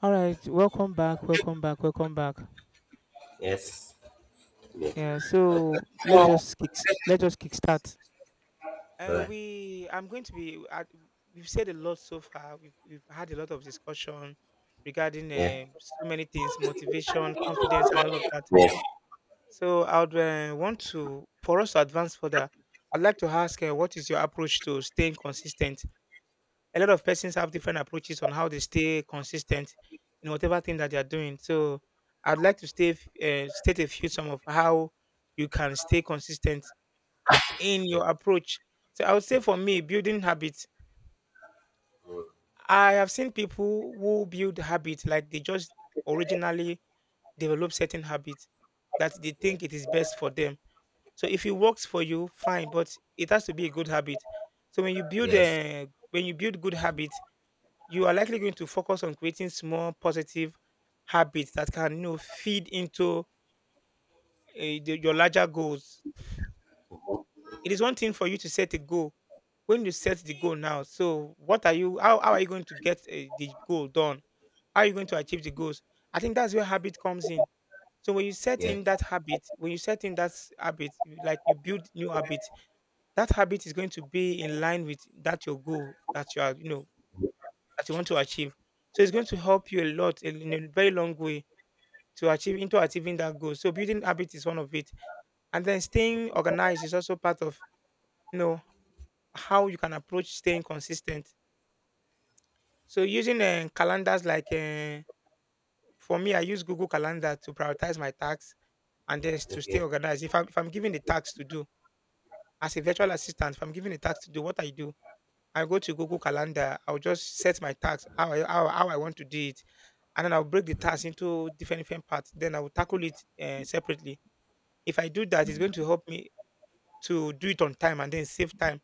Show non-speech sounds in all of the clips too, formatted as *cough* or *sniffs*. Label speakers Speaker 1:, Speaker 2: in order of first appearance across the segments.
Speaker 1: All right, welcome back, welcome back, welcome back.
Speaker 2: Yes. Yeah.
Speaker 1: Yeah, so let's just kickstart.
Speaker 2: Alright.
Speaker 1: We I'm going to be we've said a lot so far. We've had a lot of discussion regarding
Speaker 2: Yeah.
Speaker 1: so many things, motivation, confidence, and all of that.
Speaker 2: Yeah. Yes.
Speaker 1: So I would want to for us to advance further. I'd like to ask what is your approach to staying consistent? A lot of persons have
Speaker 2: Okay.
Speaker 1: different approaches on how they stay consistent in whatever thing that they are doing. So I'd like to state a few some of how you can stay consistent in
Speaker 2: Yeah.
Speaker 1: your approach. So I would say for me, building habits.
Speaker 2: Mm.
Speaker 1: I have seen people who build habits like they just originally develop certain habits that they
Speaker 2: Yeah.
Speaker 1: think it is best for them. So if it works for you, fine, but it has to be a good habit. So when you build
Speaker 2: Yes.
Speaker 1: a when you build good habits, you are likely going to focus on creating small positive habits that can, you know, feed into your larger goals. It is one thing for you to set a goal. When you set the goal now, so what are you? How are you going to get the goal done? How are you going to achieve the goals? I think that's where habit comes in. So when you set
Speaker 2: Yeah.
Speaker 1: in that habit, when you set in that s- habit, you- like you build new habits, that habit is going to be in line with that your goal that you are, you know, that you want to achieve. So it's going to help you a lot in a very long way to achieve into achieving that goal. So building habit is one of it. And then staying organized is also part of, you know, how you can approach staying consistent. So using calendars like for me, I use Google Calendar to prioritize my tasks and then to stay
Speaker 2: Okay.
Speaker 1: organized. If I'm given a task to do as a virtual assistant, if I'm given a task to do, what I do, I go to Google Calendar. I'll just set my task how how I want to do it, and then I'll break the task
Speaker 2: Mm-hmm.
Speaker 1: into different different parts. Then I will tackle it separately. If I do that, it's going to help me to do it on time and then save time.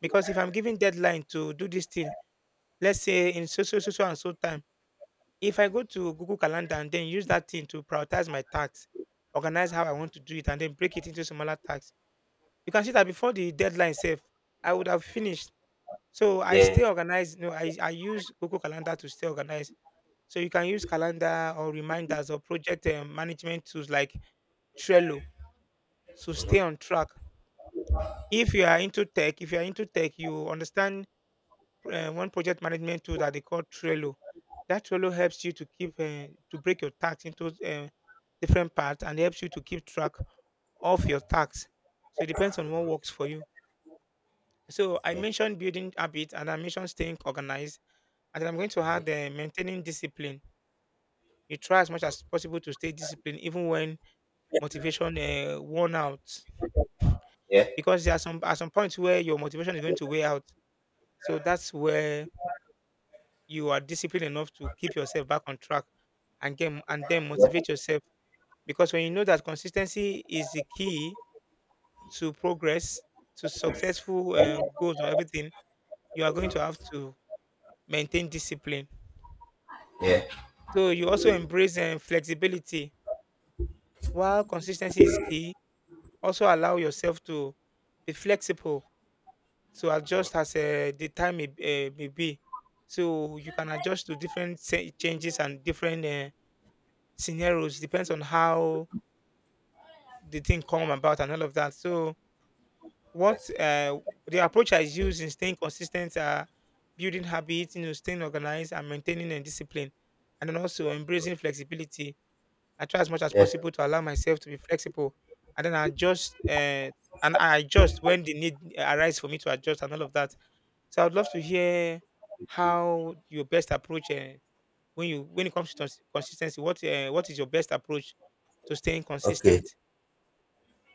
Speaker 1: Because if I'm giving deadline to do this thing, let's say in so so so so and so time, if I go to Google Calendar and then use that thing to prioritize my tasks, organize how I want to do it, and then break it into smaller tasks, you can see that before the deadline safe, I would have finished. So I
Speaker 2: Yeah.
Speaker 1: stay organized. No, I use Google Calendar to stay organized. So you can use calendar or reminders or project management tools like Trello to stay on track if you are into tech, if you are into tech, you understand one project management tool that they call Trello. That Trello helps you to keep to break your tasks into different parts and helps you to keep track of your tasks. So it depends on what works for you. So I
Speaker 2: Okay.
Speaker 1: mentioned building habit and I mentioned staying organized, and then I'm going to add maintaining discipline. You try as much as possible to stay disciplined, even when motivation worn out,
Speaker 2: Yeah.
Speaker 1: because there are some points where your motivation is going to wear out. So that's where you are disciplined enough to keep yourself back on track and get and then motivate yourself, because when you know that consistency is the key to progress, to successful goals or everything, you are going to have to maintain discipline.
Speaker 2: Yeah.
Speaker 1: So you also embrace flexibility. While consistency is key, also allow yourself to be flexible, to adjust
Speaker 2: Mm-hmm.
Speaker 1: as the time may be, so you can adjust to changes and different scenarios depends on how the thing come about and all of that. So what
Speaker 2: Yes.
Speaker 1: the approach I use in staying consistent are building habits, you know, staying organized and maintaining a discipline, and then also embracing
Speaker 2: Mm.
Speaker 1: flexibility. I try as much as
Speaker 2: Yeah.
Speaker 1: possible to allow myself to be flexible, and then I adjust when the need arises for me to adjust and all of that. So I'd love to hear how your best approach when it comes to consistency. What what is your best approach to staying
Speaker 2: Okay.
Speaker 1: consistent?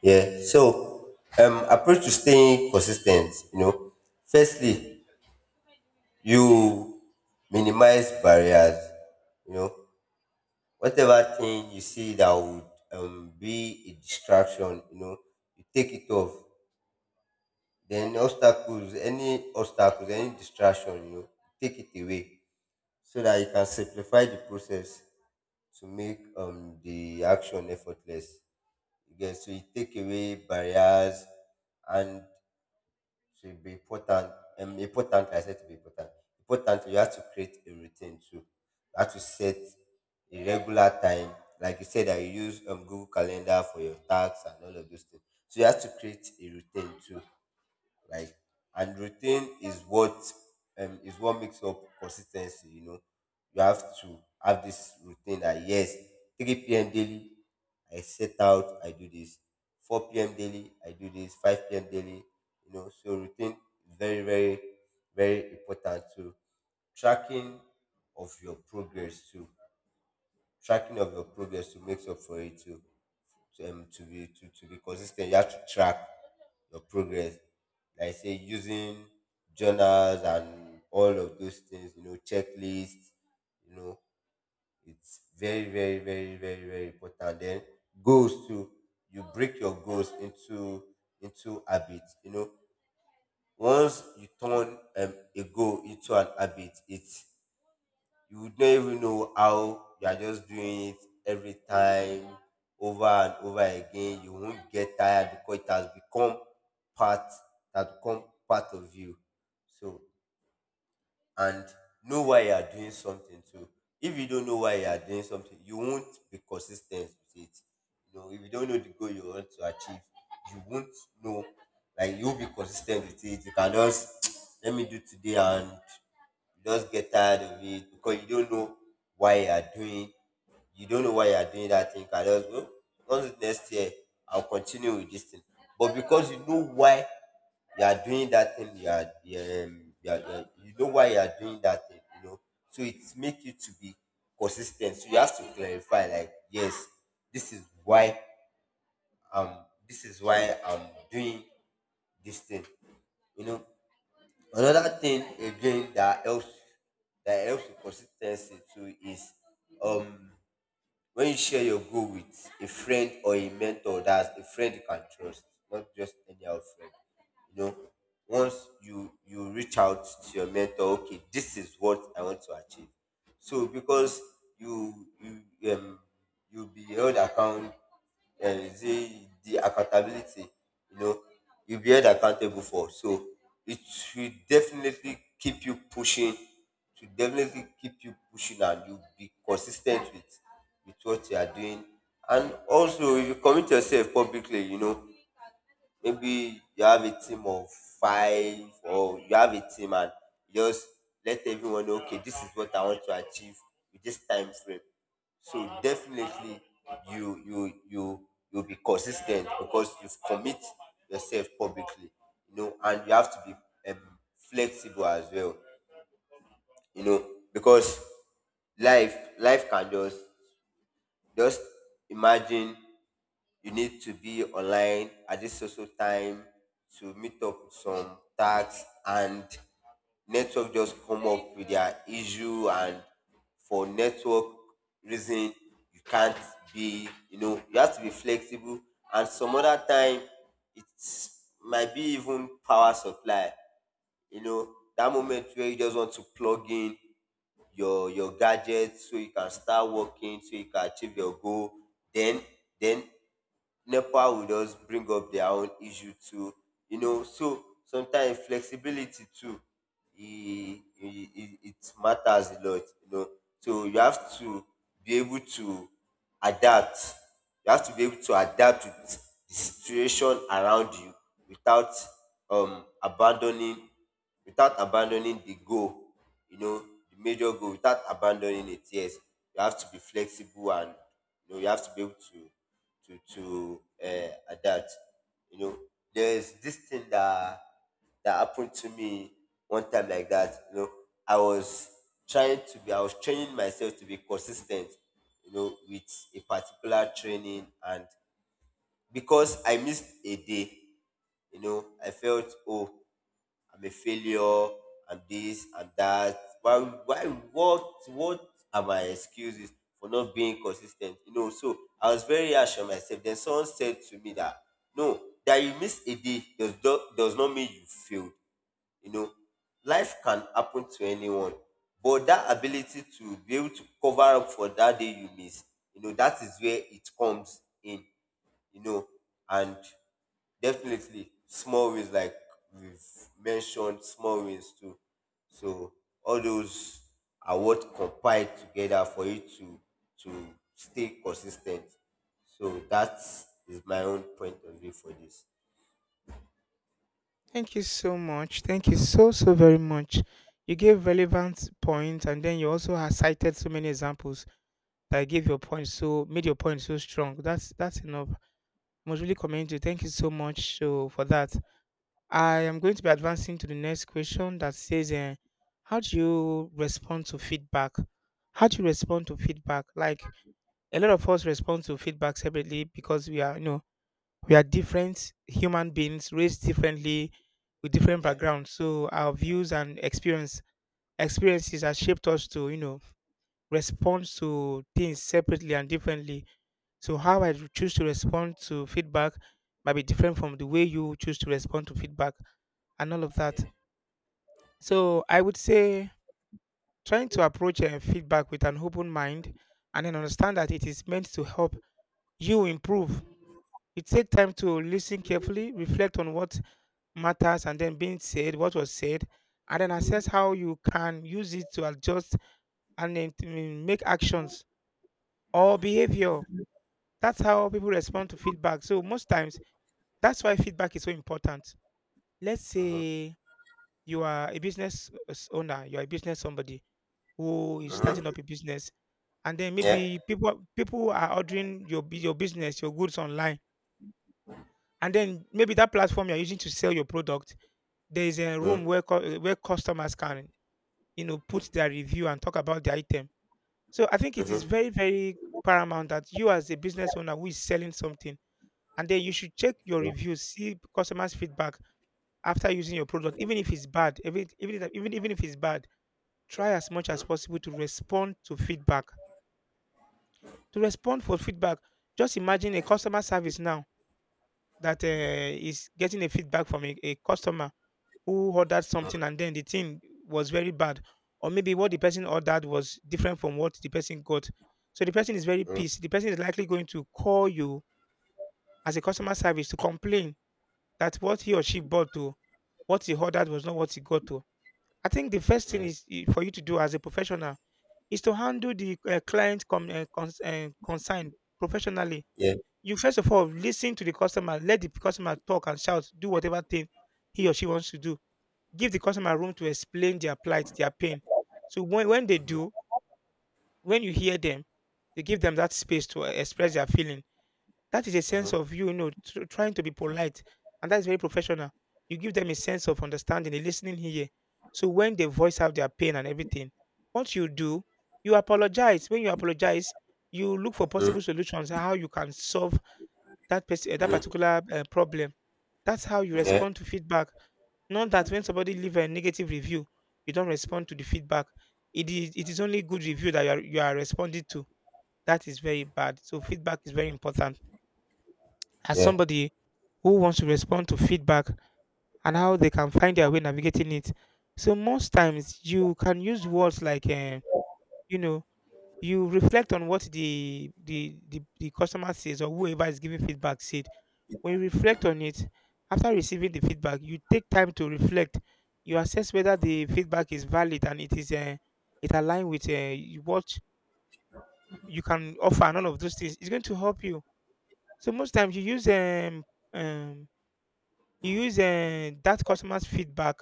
Speaker 2: Yeah. So, approach to staying consistent. You know, firstly, you minimize barriers. You know, whatever thing you see that would be a distraction. You know, you take it off. Then obstacles, any distraction, you know, take it away so that you can simplify the process to make the action effortless. Again, so you take away barriers and to be important, important I said to be important. Important, you have to create a routine too. You have to set a regular time. Like you said that you use Google Calendar for your tasks and all of those things. So you have to create a routine too, like, and routine is what, is what makes up consistency. You know, you have to have this routine that, yes, 3 p.m. daily, I set out, I do this 4 p.m. daily, I do this 5 p.m. daily. You know, so routine is very very very important to tracking of your progress too. Tracking of your progress to makes up for it to, to be consistent. You have to track your progress, like I say, using journals and all of those things, you know, checklists. You know, it's very very very very very important. Then goals too, you break your goals into, habits. You know, once you turn a goal into an habit, it, you would not even know how you are just doing it every time over and over again. You won't get tired because it has become part, that become part of you. So, and know why you are doing something too. If you don't know why you are doing something, you won't be consistent with it. You know, if you don't know the goal you want to achieve, you won't know. Like, you'll be consistent with it. You can just *tsk* let me do today and you just get tired of it because you don't know why you are doing. You don't know why you are doing that thing. You can just go. Once next year, I'll continue with this thing. But because you know why you are doing that thing, you know why you are doing that thing. You know, so it make you to be consistent. So you have to clarify, like, yes, this is why this is why I'm doing this thing. You know, another thing again that helps, with consistency too is, um, when you share your goal with a friend or a mentor, that's a friend you can trust, not just any old friend. You know, once you, reach out to your mentor, okay, this is what I want to achieve. So because you you um you'll be held account, the accountability. You know, you'll be held accountable for. So it will definitely keep you pushing, to definitely keep you pushing, and you be consistent with, what you are doing. And also if you commit yourself publicly, you know, maybe you have a team of five, or you have a team, and just let everyone know, okay, this is what I want to achieve with this time frame. So definitely, you'll be consistent because you've commit yourself publicly. You know, and you have to be, flexible as well. You know, because life can just imagine, you need to be online at this social time to meet up with some tags, and network just come up with their issue, and for network reason you can't be. You know, you have to be flexible. And some other time, it's might be even power supply. You know, that moment where you just want to plug in your gadget so you can start working, so you can achieve your goal, then, then nepa will just bring up their own issue too. You know, so sometimes flexibility too, it, it matters a lot. You know, so you have to be able to adapt. You have to be able to adapt to the situation around you without, abandoning, without abandoning the goal. You know, the major goal, without abandoning it. Yes, you have to be flexible, and you know, you have to be able to, to to adapt. You know, there's this thing that, happened to me one time like that. You know, I was I was training myself to be consistent. You know, with a particular training, and because I missed a day, you know, I felt, oh, I'm a failure, and this, and that. Why, what are my excuses for not being consistent? You know, so I was very harsh on myself. Then someone said to me that, no, that you miss a day does not mean you failed. You know, life can happen to anyone, but that ability to be able to cover up for that day you miss, you know, that is where it comes in. You know, and definitely small wins, like we've mentioned, small wins too. So all those are what compiled together for you to stay consistent. So that is my own point of view for this.
Speaker 1: Thank you so much. Thank you so, so very much. You gave relevant points and then you also have cited so many examples that gave your point so made your point so strong. That's enough. I must really commend you. Thank you so much so for that. I am going to be advancing to the next question that says, how do you respond to feedback? How do you respond to feedback? Like, a lot of us respond to feedback separately because we are, you know, we are different human beings raised differently with different
Speaker 2: Yeah.
Speaker 1: backgrounds. So our views and experience experiences have shaped us to, you know, responds to things separately and differently. So how I choose to respond to feedback might be different from the way you choose to respond to feedback and all of that.
Speaker 2: Yeah.
Speaker 1: So I would say trying to approach feedback with an open mind and then understand that it is meant to help you improve. It takes time to listen carefully, reflect on what matters, and then what was said, and then assess how you can use it to adjust and then to make actions or behavior. That's how people respond to feedback. So most times, that's why feedback is so important. Let's say you are a owner, you're a business, somebody who is starting
Speaker 2: Mm-hmm.
Speaker 1: up a business, and then
Speaker 2: Yeah.
Speaker 1: maybe people are ordering your business, your goods online, and then maybe that platform you're using to sell your product, there is a room
Speaker 2: Mm-hmm.
Speaker 1: where where customers can, you know, put their review and talk about the item. So I think it is
Speaker 2: Mm-hmm.
Speaker 1: very very paramount that you, as a business owner who is selling something, and then you should check your reviews, see customers' feedback after using your product, even if it's bad. Even if it's bad, try as much as possible to respond to feedback. To respond for feedback, just imagine a customer service now that is getting a feedback from a customer who ordered something and then the thing was very bad, or maybe what the person ordered was different from what the person got. So the person is very
Speaker 2: Mm-hmm.
Speaker 1: pissed. The person is likely going to call you as a customer service to complain that what he or she bought to what he ordered was not what he got to. I think the first thing is for you to do as a professional is to handle the client concern professionally.
Speaker 2: Yeah.
Speaker 1: You first of all listen to the customer, let the customer talk and shout, do whatever thing he or she wants to do. Give the customer room to explain their plight, their pain. So when they do, when you hear them, you give them that space to express their feeling. That is a sense of you, you know, trying to be polite, and that is very professional. You give them a sense of understanding, a listening here. So when they voice out their pain and everything, what you do, you apologize. When you apologize, you look for
Speaker 2: Mm-hmm.
Speaker 1: possible solutions how you can solve that particular problem. That's how you
Speaker 2: Yeah.
Speaker 1: respond to feedback. Not that when somebody leave a negative review, you don't respond to the feedback. It is only good review that you are responding to. That is very bad. So feedback is very important as
Speaker 2: Yeah.
Speaker 1: somebody who wants to respond to feedback and how they can find their way navigating it. So most times you can use words like, you know, you reflect on what the customer says or whoever is giving feedback said. When you reflect on it, after receiving the feedback, you take time to reflect. You assess whether the feedback is valid and it is it align with what you can offer and all of those things. It's going to help you. So most times um you use that customer's feedback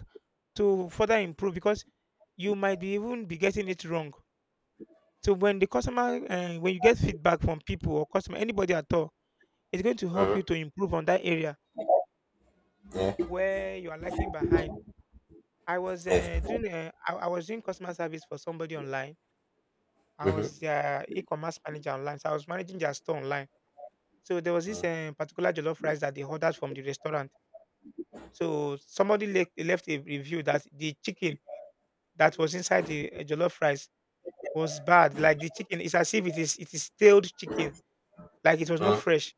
Speaker 1: to further improve because you might be even be getting it wrong. So when the customer, when you get feedback from people or customer, anybody at all, it's going to help
Speaker 2: Mm-hmm.
Speaker 1: you to improve on that area
Speaker 2: Yeah.
Speaker 1: where you are lacking behind. I was
Speaker 2: Yeah.
Speaker 1: doing, I was doing customer service for somebody online. I was
Speaker 2: Mm-hmm.
Speaker 1: their e-commerce manager online, so I was managing their store online. So there was this particular jollof rice that they ordered from the restaurant. So somebody left a review that the chicken that was inside the jollof rice was bad. Like the chicken, it's as if it is stale chicken, like it was not fresh.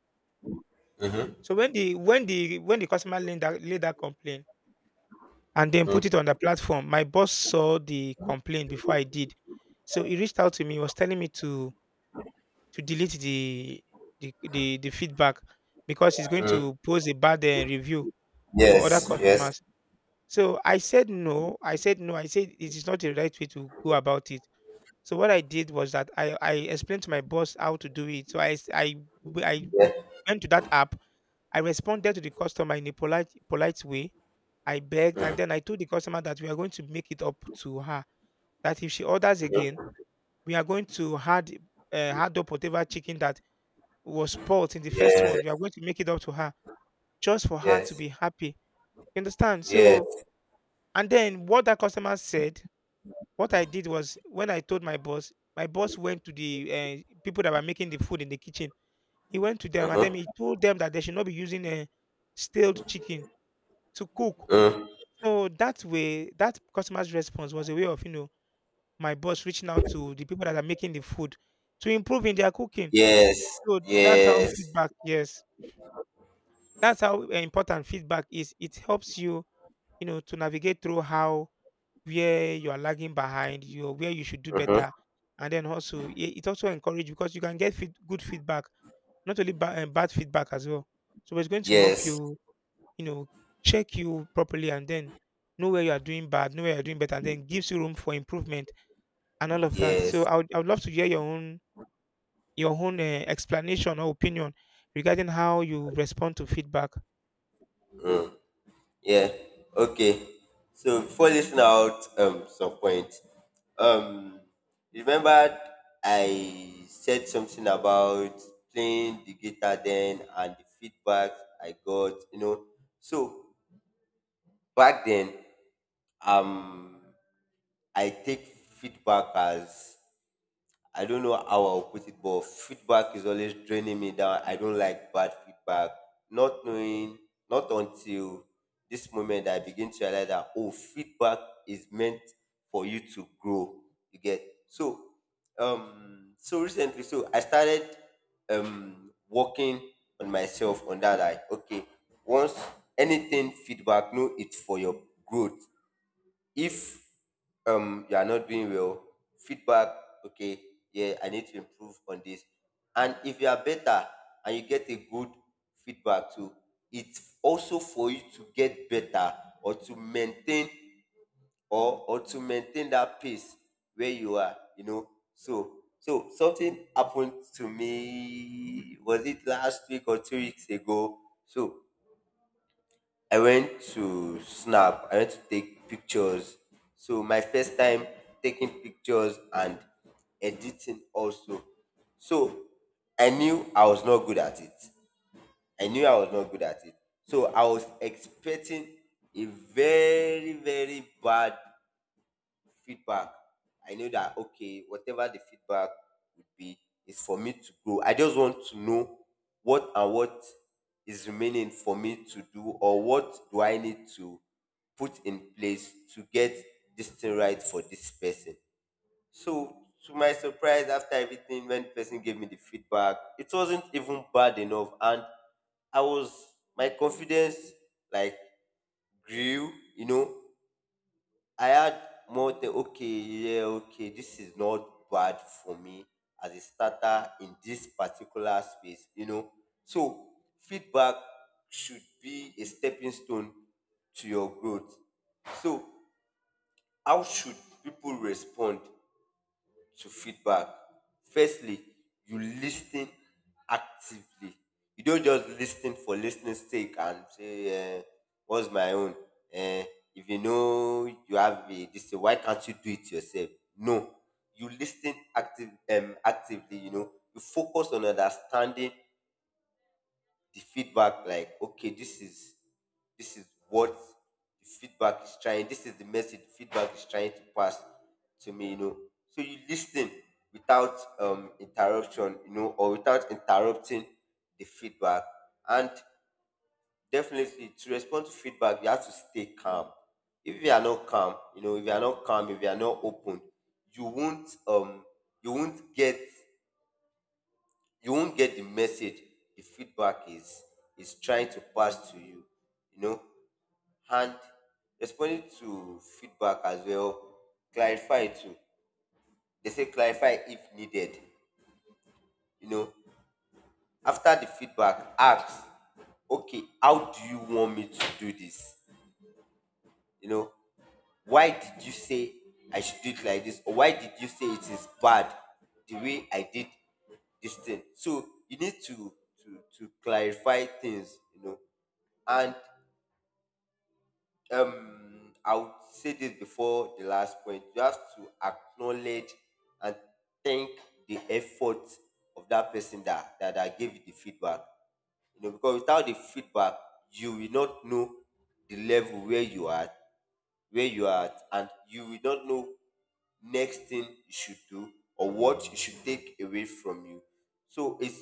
Speaker 1: So when the customer laid that complaint and then put it on the platform, my boss saw the complaint before I did. So he reached out to me, he was telling me to delete the feedback because he's going to post a bad review for other
Speaker 2: Yes. Yes.
Speaker 1: customers. So I said no. I said no. I said it is not the right way to go about it. So what I did was that I explained to my boss how to do it. So I went to that app. I responded to the customer in a polite way. I begged and then I told the customer that we are going to make it up to her. That if she orders again, we are going to hard up whatever chicken that was spoiled in the first one. We are
Speaker 2: Yes.
Speaker 1: going to make it up to her just for her to
Speaker 2: Yes.
Speaker 1: be happy. You understand?
Speaker 2: Yes.
Speaker 1: So and then what that customer said What I did was when I told my boss went to the people that were making the food in the kitchen. He went to them and
Speaker 2: Mm-hmm.
Speaker 1: then he told them that they should not be using stale chicken to cook.
Speaker 2: Mm.
Speaker 1: So that way, that customer's response was a way of, you know, my boss reaching out to the people that are making the food to improve in their cooking.
Speaker 2: Yes.
Speaker 1: So that's how
Speaker 2: Yes.
Speaker 1: feedback. Yes, that's how important feedback is. It helps you, you know, to navigate through how where you are lagging behind, you where you should do
Speaker 2: Mm-hmm.
Speaker 1: better, and then also it also encourage because you can get good feedback, not only bad feedback as well. So it's going to help
Speaker 2: Yes.
Speaker 1: you, you know, check you properly, and then know where you are doing bad, know where you are doing better, and then gives you room for improvement and all of that. So
Speaker 2: Yes.
Speaker 1: I would love to hear your own explanation or opinion regarding how you respond to feedback.
Speaker 2: Yeah. Okay. So before listing out some points, um remember, I said something about playing the guitar then, and the feedback I got. You know, so back then, um I take feedback as, I don't know how I'll put it, but feedback is always draining me down. I don't like bad feedback. Not knowing, not until this moment that I begin to realize that, oh, feedback is meant for you to grow. You get. So, so recently, so I started working on myself on that. Like, okay, once anything feedback, know it's for your growth. If, you are not doing well, feedback, okay, yeah, I need to improve on this. And if you are better and you get a good feedback too, it's also for you to get better, or to maintain, or to maintain that pace where you are. You know, so, something happened to me, was it last week or 2 weeks ago. So I went to snap, I went to take pictures. So my first time taking pictures and editing also. So I knew I was not good at it. I knew I was not good at it. So I was expecting a very very bad feedback, I know that, okay, whatever the feedback would be is for me to grow. I just want to know what and what is remaining for me to do, or what do I need to put in place to get this thing right for this person. So, to my surprise, after everything, when the person gave me the feedback, it wasn't even bad enough, and I was, my confidence, like, grew. You know, I had more than, okay, yeah, okay, this is not bad for me as a starter in this particular space. You know, so feedback should be a stepping stone to your growth. So how should people respond to feedback? Firstly, you listen actively. You don't just listen for listening sake and say, uh, "What's my own?" Uh, if you know you have a this, thing, why can't you do it yourself? No, actively. You know, you focus on understanding the feedback, like, okay, this is, this is what the feedback is trying this is the message the feedback is trying to pass to me. You know, so you listen without, interruption. You know, or without interrupting the feedback. And definitely, to respond to feedback, you have to stay calm. If you are not calm, you know, if you are not open, you won't, you won't get, the message the feedback is trying to pass to you. You know, and responding to feedback as well, clarify too. They say clarify if needed. You know, after the feedback, ask, okay, how do you want me to do this? You know, why did you say I should do it like this, or why did you say it is bad the way I did this thing? So you need to, clarify things. You know, and I would say this before the last point. You have to acknowledge and thank the effort of that person that, that gave you the feedback. You know, because without the feedback, you will not know the level where you are, at, and you will not know next thing you should do, or what you should take away from you. So it's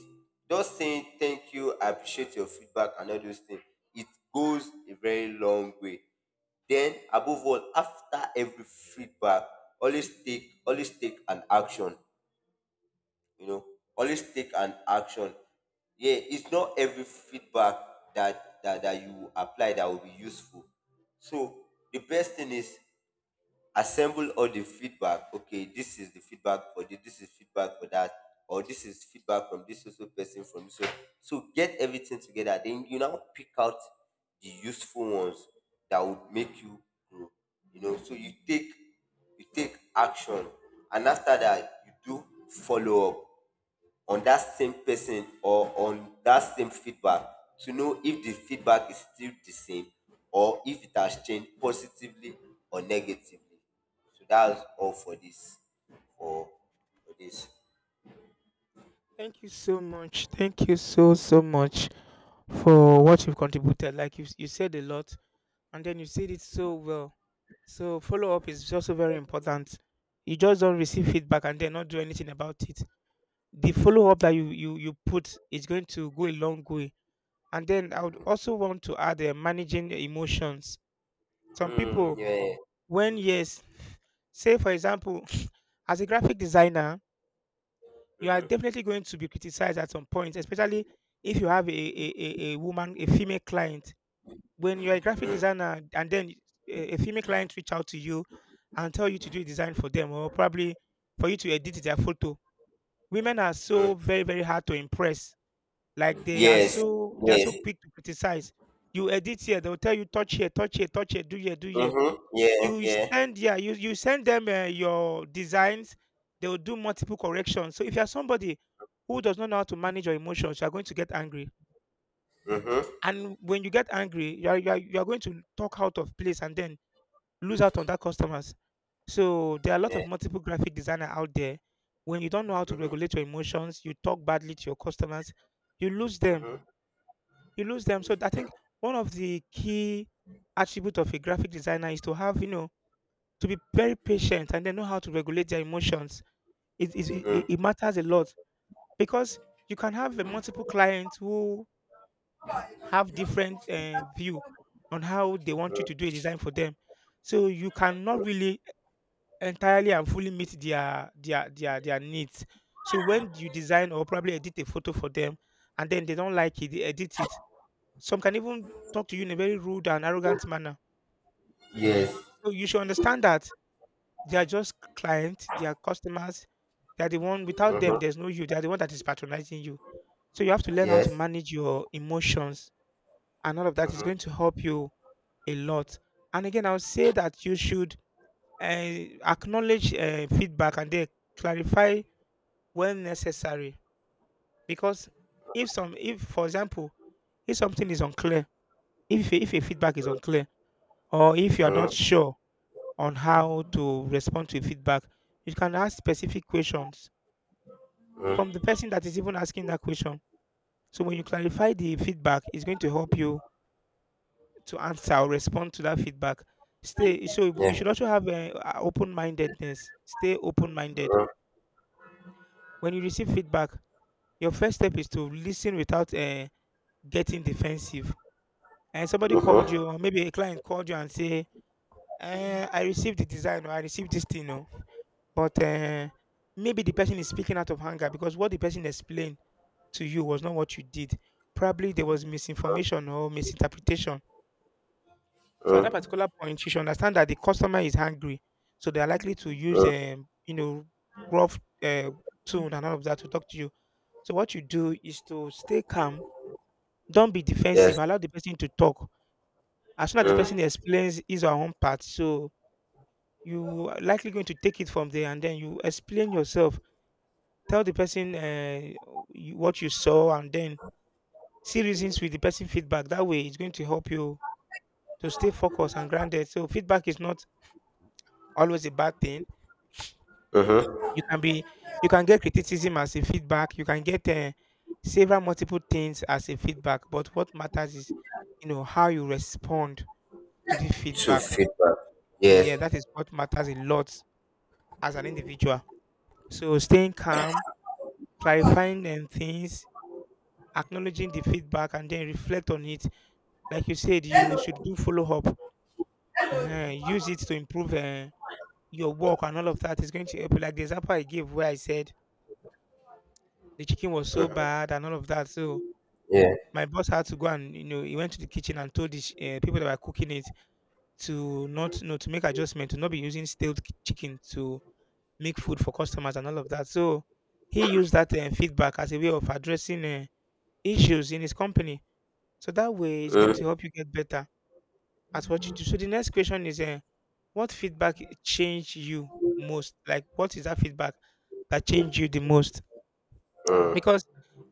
Speaker 2: just saying thank you, I appreciate your feedback, and all those things. It goes a very long way. Then, above all, after every feedback, always take an action. You know, always take an action. Yeah, it's not every feedback that you apply that will be useful. So the best thing is assemble all the feedback. Okay, this is the feedback for this, this is feedback for that, or this is feedback from this also, person from this. So, get everything together, then you now pick out the useful ones that would make you grow. You know, so you take, action. And after that, you do follow up on that same person, or on that same feedback, to know if the feedback is still the same, or if it has changed positively or negatively. So that's all for this. For, for this.
Speaker 1: Thank you so much. Thank you so so much for what you've contributed. Like you said a lot and then you said it so well. So follow up is also very important. You just don't receive feedback and then not do anything about it. The follow up that you put is going to go a long way. And then I would also want to add managing the emotions. Some
Speaker 2: Mm,
Speaker 1: people,
Speaker 2: yeah.
Speaker 1: when yes, say for example, *sniffs* as a graphic designer, you are
Speaker 2: Mm-hmm.
Speaker 1: definitely going to be criticized at some point, especially if you have a woman, a female client when you're a graphic designer and then a female client reach out to you and tell you to do a design for them or probably for you to edit their photo. Women are
Speaker 2: Mm.
Speaker 1: so very hard to impress, like they are
Speaker 2: Yes.
Speaker 1: so
Speaker 2: Yes.
Speaker 1: quick to criticize. You edit here, they'll tell you touch here, touch here, do here, do here.
Speaker 2: Mm-hmm. Yeah.
Speaker 1: You
Speaker 2: Yeah.
Speaker 1: send, yeah, you send them your designs. They'll do multiple corrections. So if you're somebody who does not know how to manage your emotions, you're going to get angry.
Speaker 2: Mm-hmm.
Speaker 1: And when you get angry, you're going to talk out of place and then lose out on that customers. So there are a lot
Speaker 2: Yeah.
Speaker 1: of multiple graphic designer out there. When you don't know how to
Speaker 2: Mm-hmm.
Speaker 1: regulate your emotions, you talk badly to your customers, you lose them.
Speaker 2: Mm-hmm.
Speaker 1: You lose them. So I think one of the key attribute of a graphic designer is to have, you know, to be very patient and then know how to regulate their emotions. It matters a lot because you can have a multiple clients who have different view on how they want you to do a design for them. So you cannot really entirely and fully meet their needs. So when you design or probably edit a photo for them, and then they don't like it, they edit it. Some can even talk to you in a very rude and arrogant manner.
Speaker 2: Yes.
Speaker 1: So you should understand that they are just clients, they are customers. They are the one. Without
Speaker 2: Mm-hmm.
Speaker 1: them, there's no you. They are the one that is patronizing you. So you have to learn how to
Speaker 2: Yes.
Speaker 1: manage your emotions, and all of that is going to
Speaker 2: Mm-hmm.
Speaker 1: help you a lot. And again, I would say that you should acknowledge feedback and then clarify when necessary, because if some, if for example, if something is unclear, if if a feedback is unclear or if you are not sure on how to respond to feedback, you can ask specific questions from the person that is even asking that question. So when you clarify the feedback, it's going to help you to answer or respond to that feedback. Stay So you
Speaker 2: Yeah.
Speaker 1: should also have a open-mindedness. Stay open-minded
Speaker 2: Mm-hmm.
Speaker 1: when you receive feedback. Your first step is to listen without getting defensive. And somebody called
Speaker 2: Mm-hmm.
Speaker 1: you, or maybe a client called you and say, eh, I received the design or I received this thing. Oh, but maybe the person is speaking out of anger because what the person explained to you was not what you did. Probably there was misinformation or misinterpretation. So at that particular point you should understand that the customer is angry, so they are likely to use
Speaker 2: Mm-hmm.
Speaker 1: you know, rough tone and all of that to talk to you. So what you do is to stay calm. Don't be defensive,
Speaker 2: Yes.
Speaker 1: allow the person to talk. As soon as the person
Speaker 2: Mm.
Speaker 1: explains his or her own part, so you are likely going to take it from there, and then you explain yourself. Tell the person what you saw, and then see reasons with the person feedback. That way, it's going to help you to stay focused and grounded. So feedback is not always a bad thing. You can be, you can get criticism as a feedback. You can get several multiple things as a feedback. But what matters is, you know, how you respond to the
Speaker 2: To
Speaker 1: feedback.
Speaker 2: feedback. Yes.
Speaker 1: Yeah, that is what matters a lot as an individual. So staying calm, clarifying them things, acknowledging the feedback, and then reflect on it. Like you said, you should do follow up. Use it to improve your work, and all of that is going to help you. Like the example I gave where I said the chicken was so bad and all of that. So
Speaker 2: Yeah.
Speaker 1: my boss had to go, and you know, he went to the kitchen and told the people that were cooking it to not, you know, to make adjustment, to not be using stale chicken to make food for customers and all of that. So he used that feedback as a way of addressing. Issues in his company. So that way, it's going to help you get better at what you do. So the next question is, what feedback changed you most? Like, what is that feedback that changed you the most?
Speaker 2: Mm,
Speaker 1: Because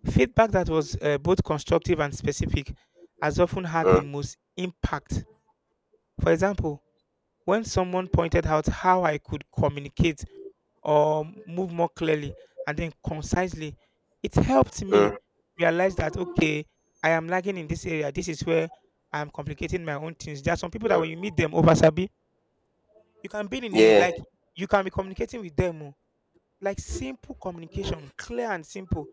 Speaker 1: feedback that was both constructive and specific has often had the
Speaker 2: mm,
Speaker 1: most impact. For example, when someone pointed out how I could communicate or move more clearly and then concisely, it helped me
Speaker 2: mm,
Speaker 1: realize that, okay, I am lagging in this area. This is where I'm complicating my own things. There are some people that
Speaker 2: mm.
Speaker 1: when you meet them over Sabi, you can be in a,
Speaker 2: Yeah.
Speaker 1: like, you can be communicating with them. Oh, like simple communication, clear and simple.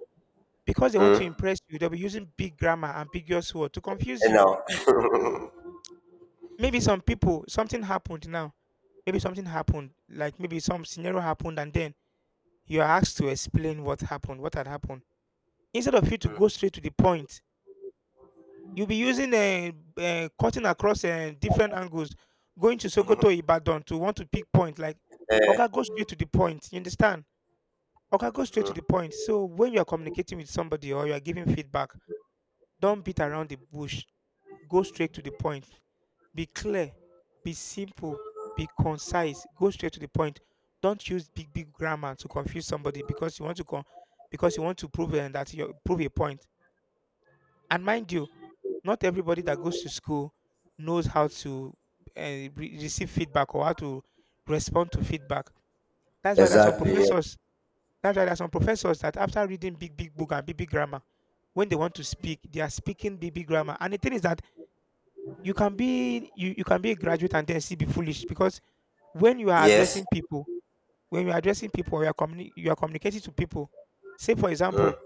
Speaker 1: Because they want to
Speaker 2: Mm.
Speaker 1: impress you, they'll be using big grammar, ambiguous word to confuse
Speaker 2: And
Speaker 1: you.
Speaker 2: now.
Speaker 1: Maybe some people, something happened now. Maybe something happened, like maybe some scenario happened, and then you're asked to explain what happened, what had happened. Instead of you to go straight to the point, you'll be using cutting across different angles, going to Sokoto, Ibadan to want to pick point. Like, Oga, go
Speaker 2: Uh,
Speaker 1: straight to the point. You understand? Oga, go straight to the point. So when you are communicating with somebody or you are giving feedback, don't beat around the bush, go straight to the point. Be clear, be simple, be concise, go straight to the point. Don't use big big grammar to confuse somebody because you want to because you want to prove that you prove a point. And mind you, not everybody that goes to school knows how to receive feedback or how to respond to feedback. That's why there's some
Speaker 2: exactly. Yeah.
Speaker 1: professors. That's why there's some professors that after reading big big book and big big grammar, when they want to speak, they are speaking big big grammar. And the thing is that you can be a graduate and then still be foolish because when you are
Speaker 2: Yes.
Speaker 1: addressing people when you are addressing people or you are communicating to people say for
Speaker 2: Mm.
Speaker 1: example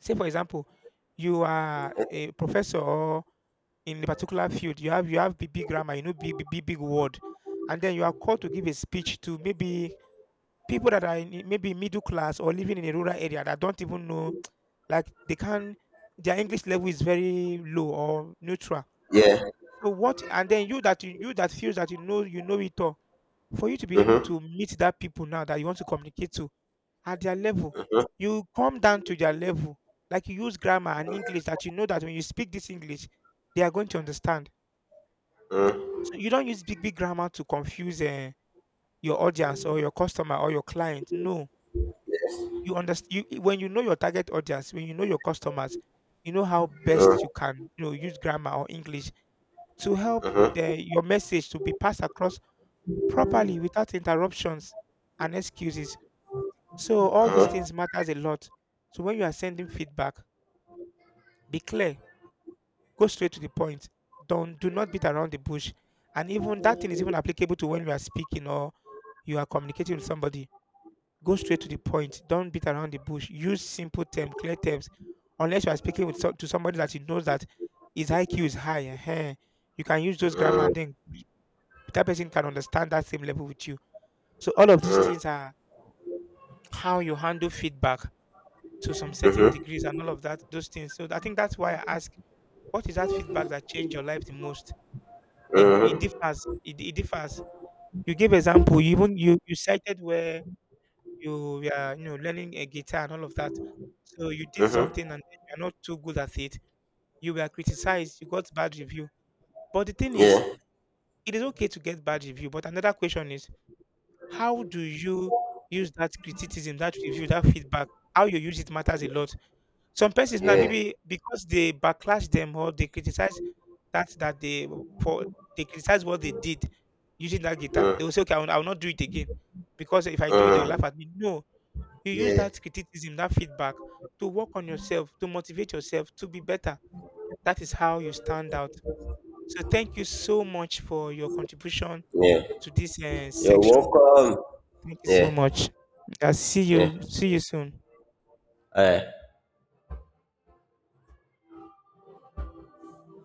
Speaker 1: say for example you are a professor or in a particular field you have big, big grammar, you know, big, big big word, and then you are called to give a speech to maybe people that are in, maybe middle class or living in a rural area that don't even know *tsk* like they can, their english level is very low or neutral.
Speaker 2: Yeah.
Speaker 1: So what, and then you that you that feels that you know it all, for you to be able
Speaker 2: Mm-hmm.
Speaker 1: to meet that people now that you want to communicate to at their level, you come down to their level. Like, you use grammar and English that you know that when you speak this English, they are going to understand.
Speaker 2: Mm.
Speaker 1: So you don't use big big grammar to confuse your audience or your customer or your client. No,
Speaker 2: Yes.
Speaker 1: you understand. You, when you know your target audience, when you know your customers, you know how
Speaker 2: Mm.
Speaker 1: best you can, you know, use grammar or English to help your message to be passed across properly, without interruptions and excuses. So all these things matters a lot. So when you are sending feedback, be clear, go straight to the point. Don't Do not beat around the bush. And even that thing is even applicable to when you are speaking or you are communicating with somebody. Go straight to the point. Don't beat around the bush. Use simple terms, clear terms. Unless you are speaking with to somebody that you know that his IQ is high, ehen, you can use those grammar, and then that person can understand that same level with you. So all of these things are how you handle feedback to some certain degrees and all of that, those things. So I think that's why I ask, what is that feedback that changed your life the most? It could be, it
Speaker 2: Mm-hmm.
Speaker 1: differs. It differs. You gave example. You even you cited where you know, learning a guitar and all of that. So you did
Speaker 2: Mm-hmm.
Speaker 1: something and you're not too good at it. You were criticized. You got bad review. But the thing is,
Speaker 2: Yeah.
Speaker 1: it is okay to get bad review. But another question is, how do you use that criticism, that review, that feedback? How you use it matters a lot. Some persons now,
Speaker 2: Yeah.
Speaker 1: maybe because they backlash them or they criticize that that they for they criticize what they did using that guitar,
Speaker 2: Mm.
Speaker 1: they will say, okay, I will not do it again because if I do it, they will
Speaker 2: Mm.
Speaker 1: laugh at me. No, you use
Speaker 2: Yeah.
Speaker 1: that criticism, that feedback to work on yourself, to motivate yourself, to be better. That is how you stand out. So thank you so much for your contribution
Speaker 2: Yeah.
Speaker 1: to this
Speaker 2: You're
Speaker 1: section.
Speaker 2: welcome.
Speaker 1: Thank you so
Speaker 2: Yeah.
Speaker 1: much. I see
Speaker 2: Yeah.
Speaker 1: you. See you soon.
Speaker 2: All right.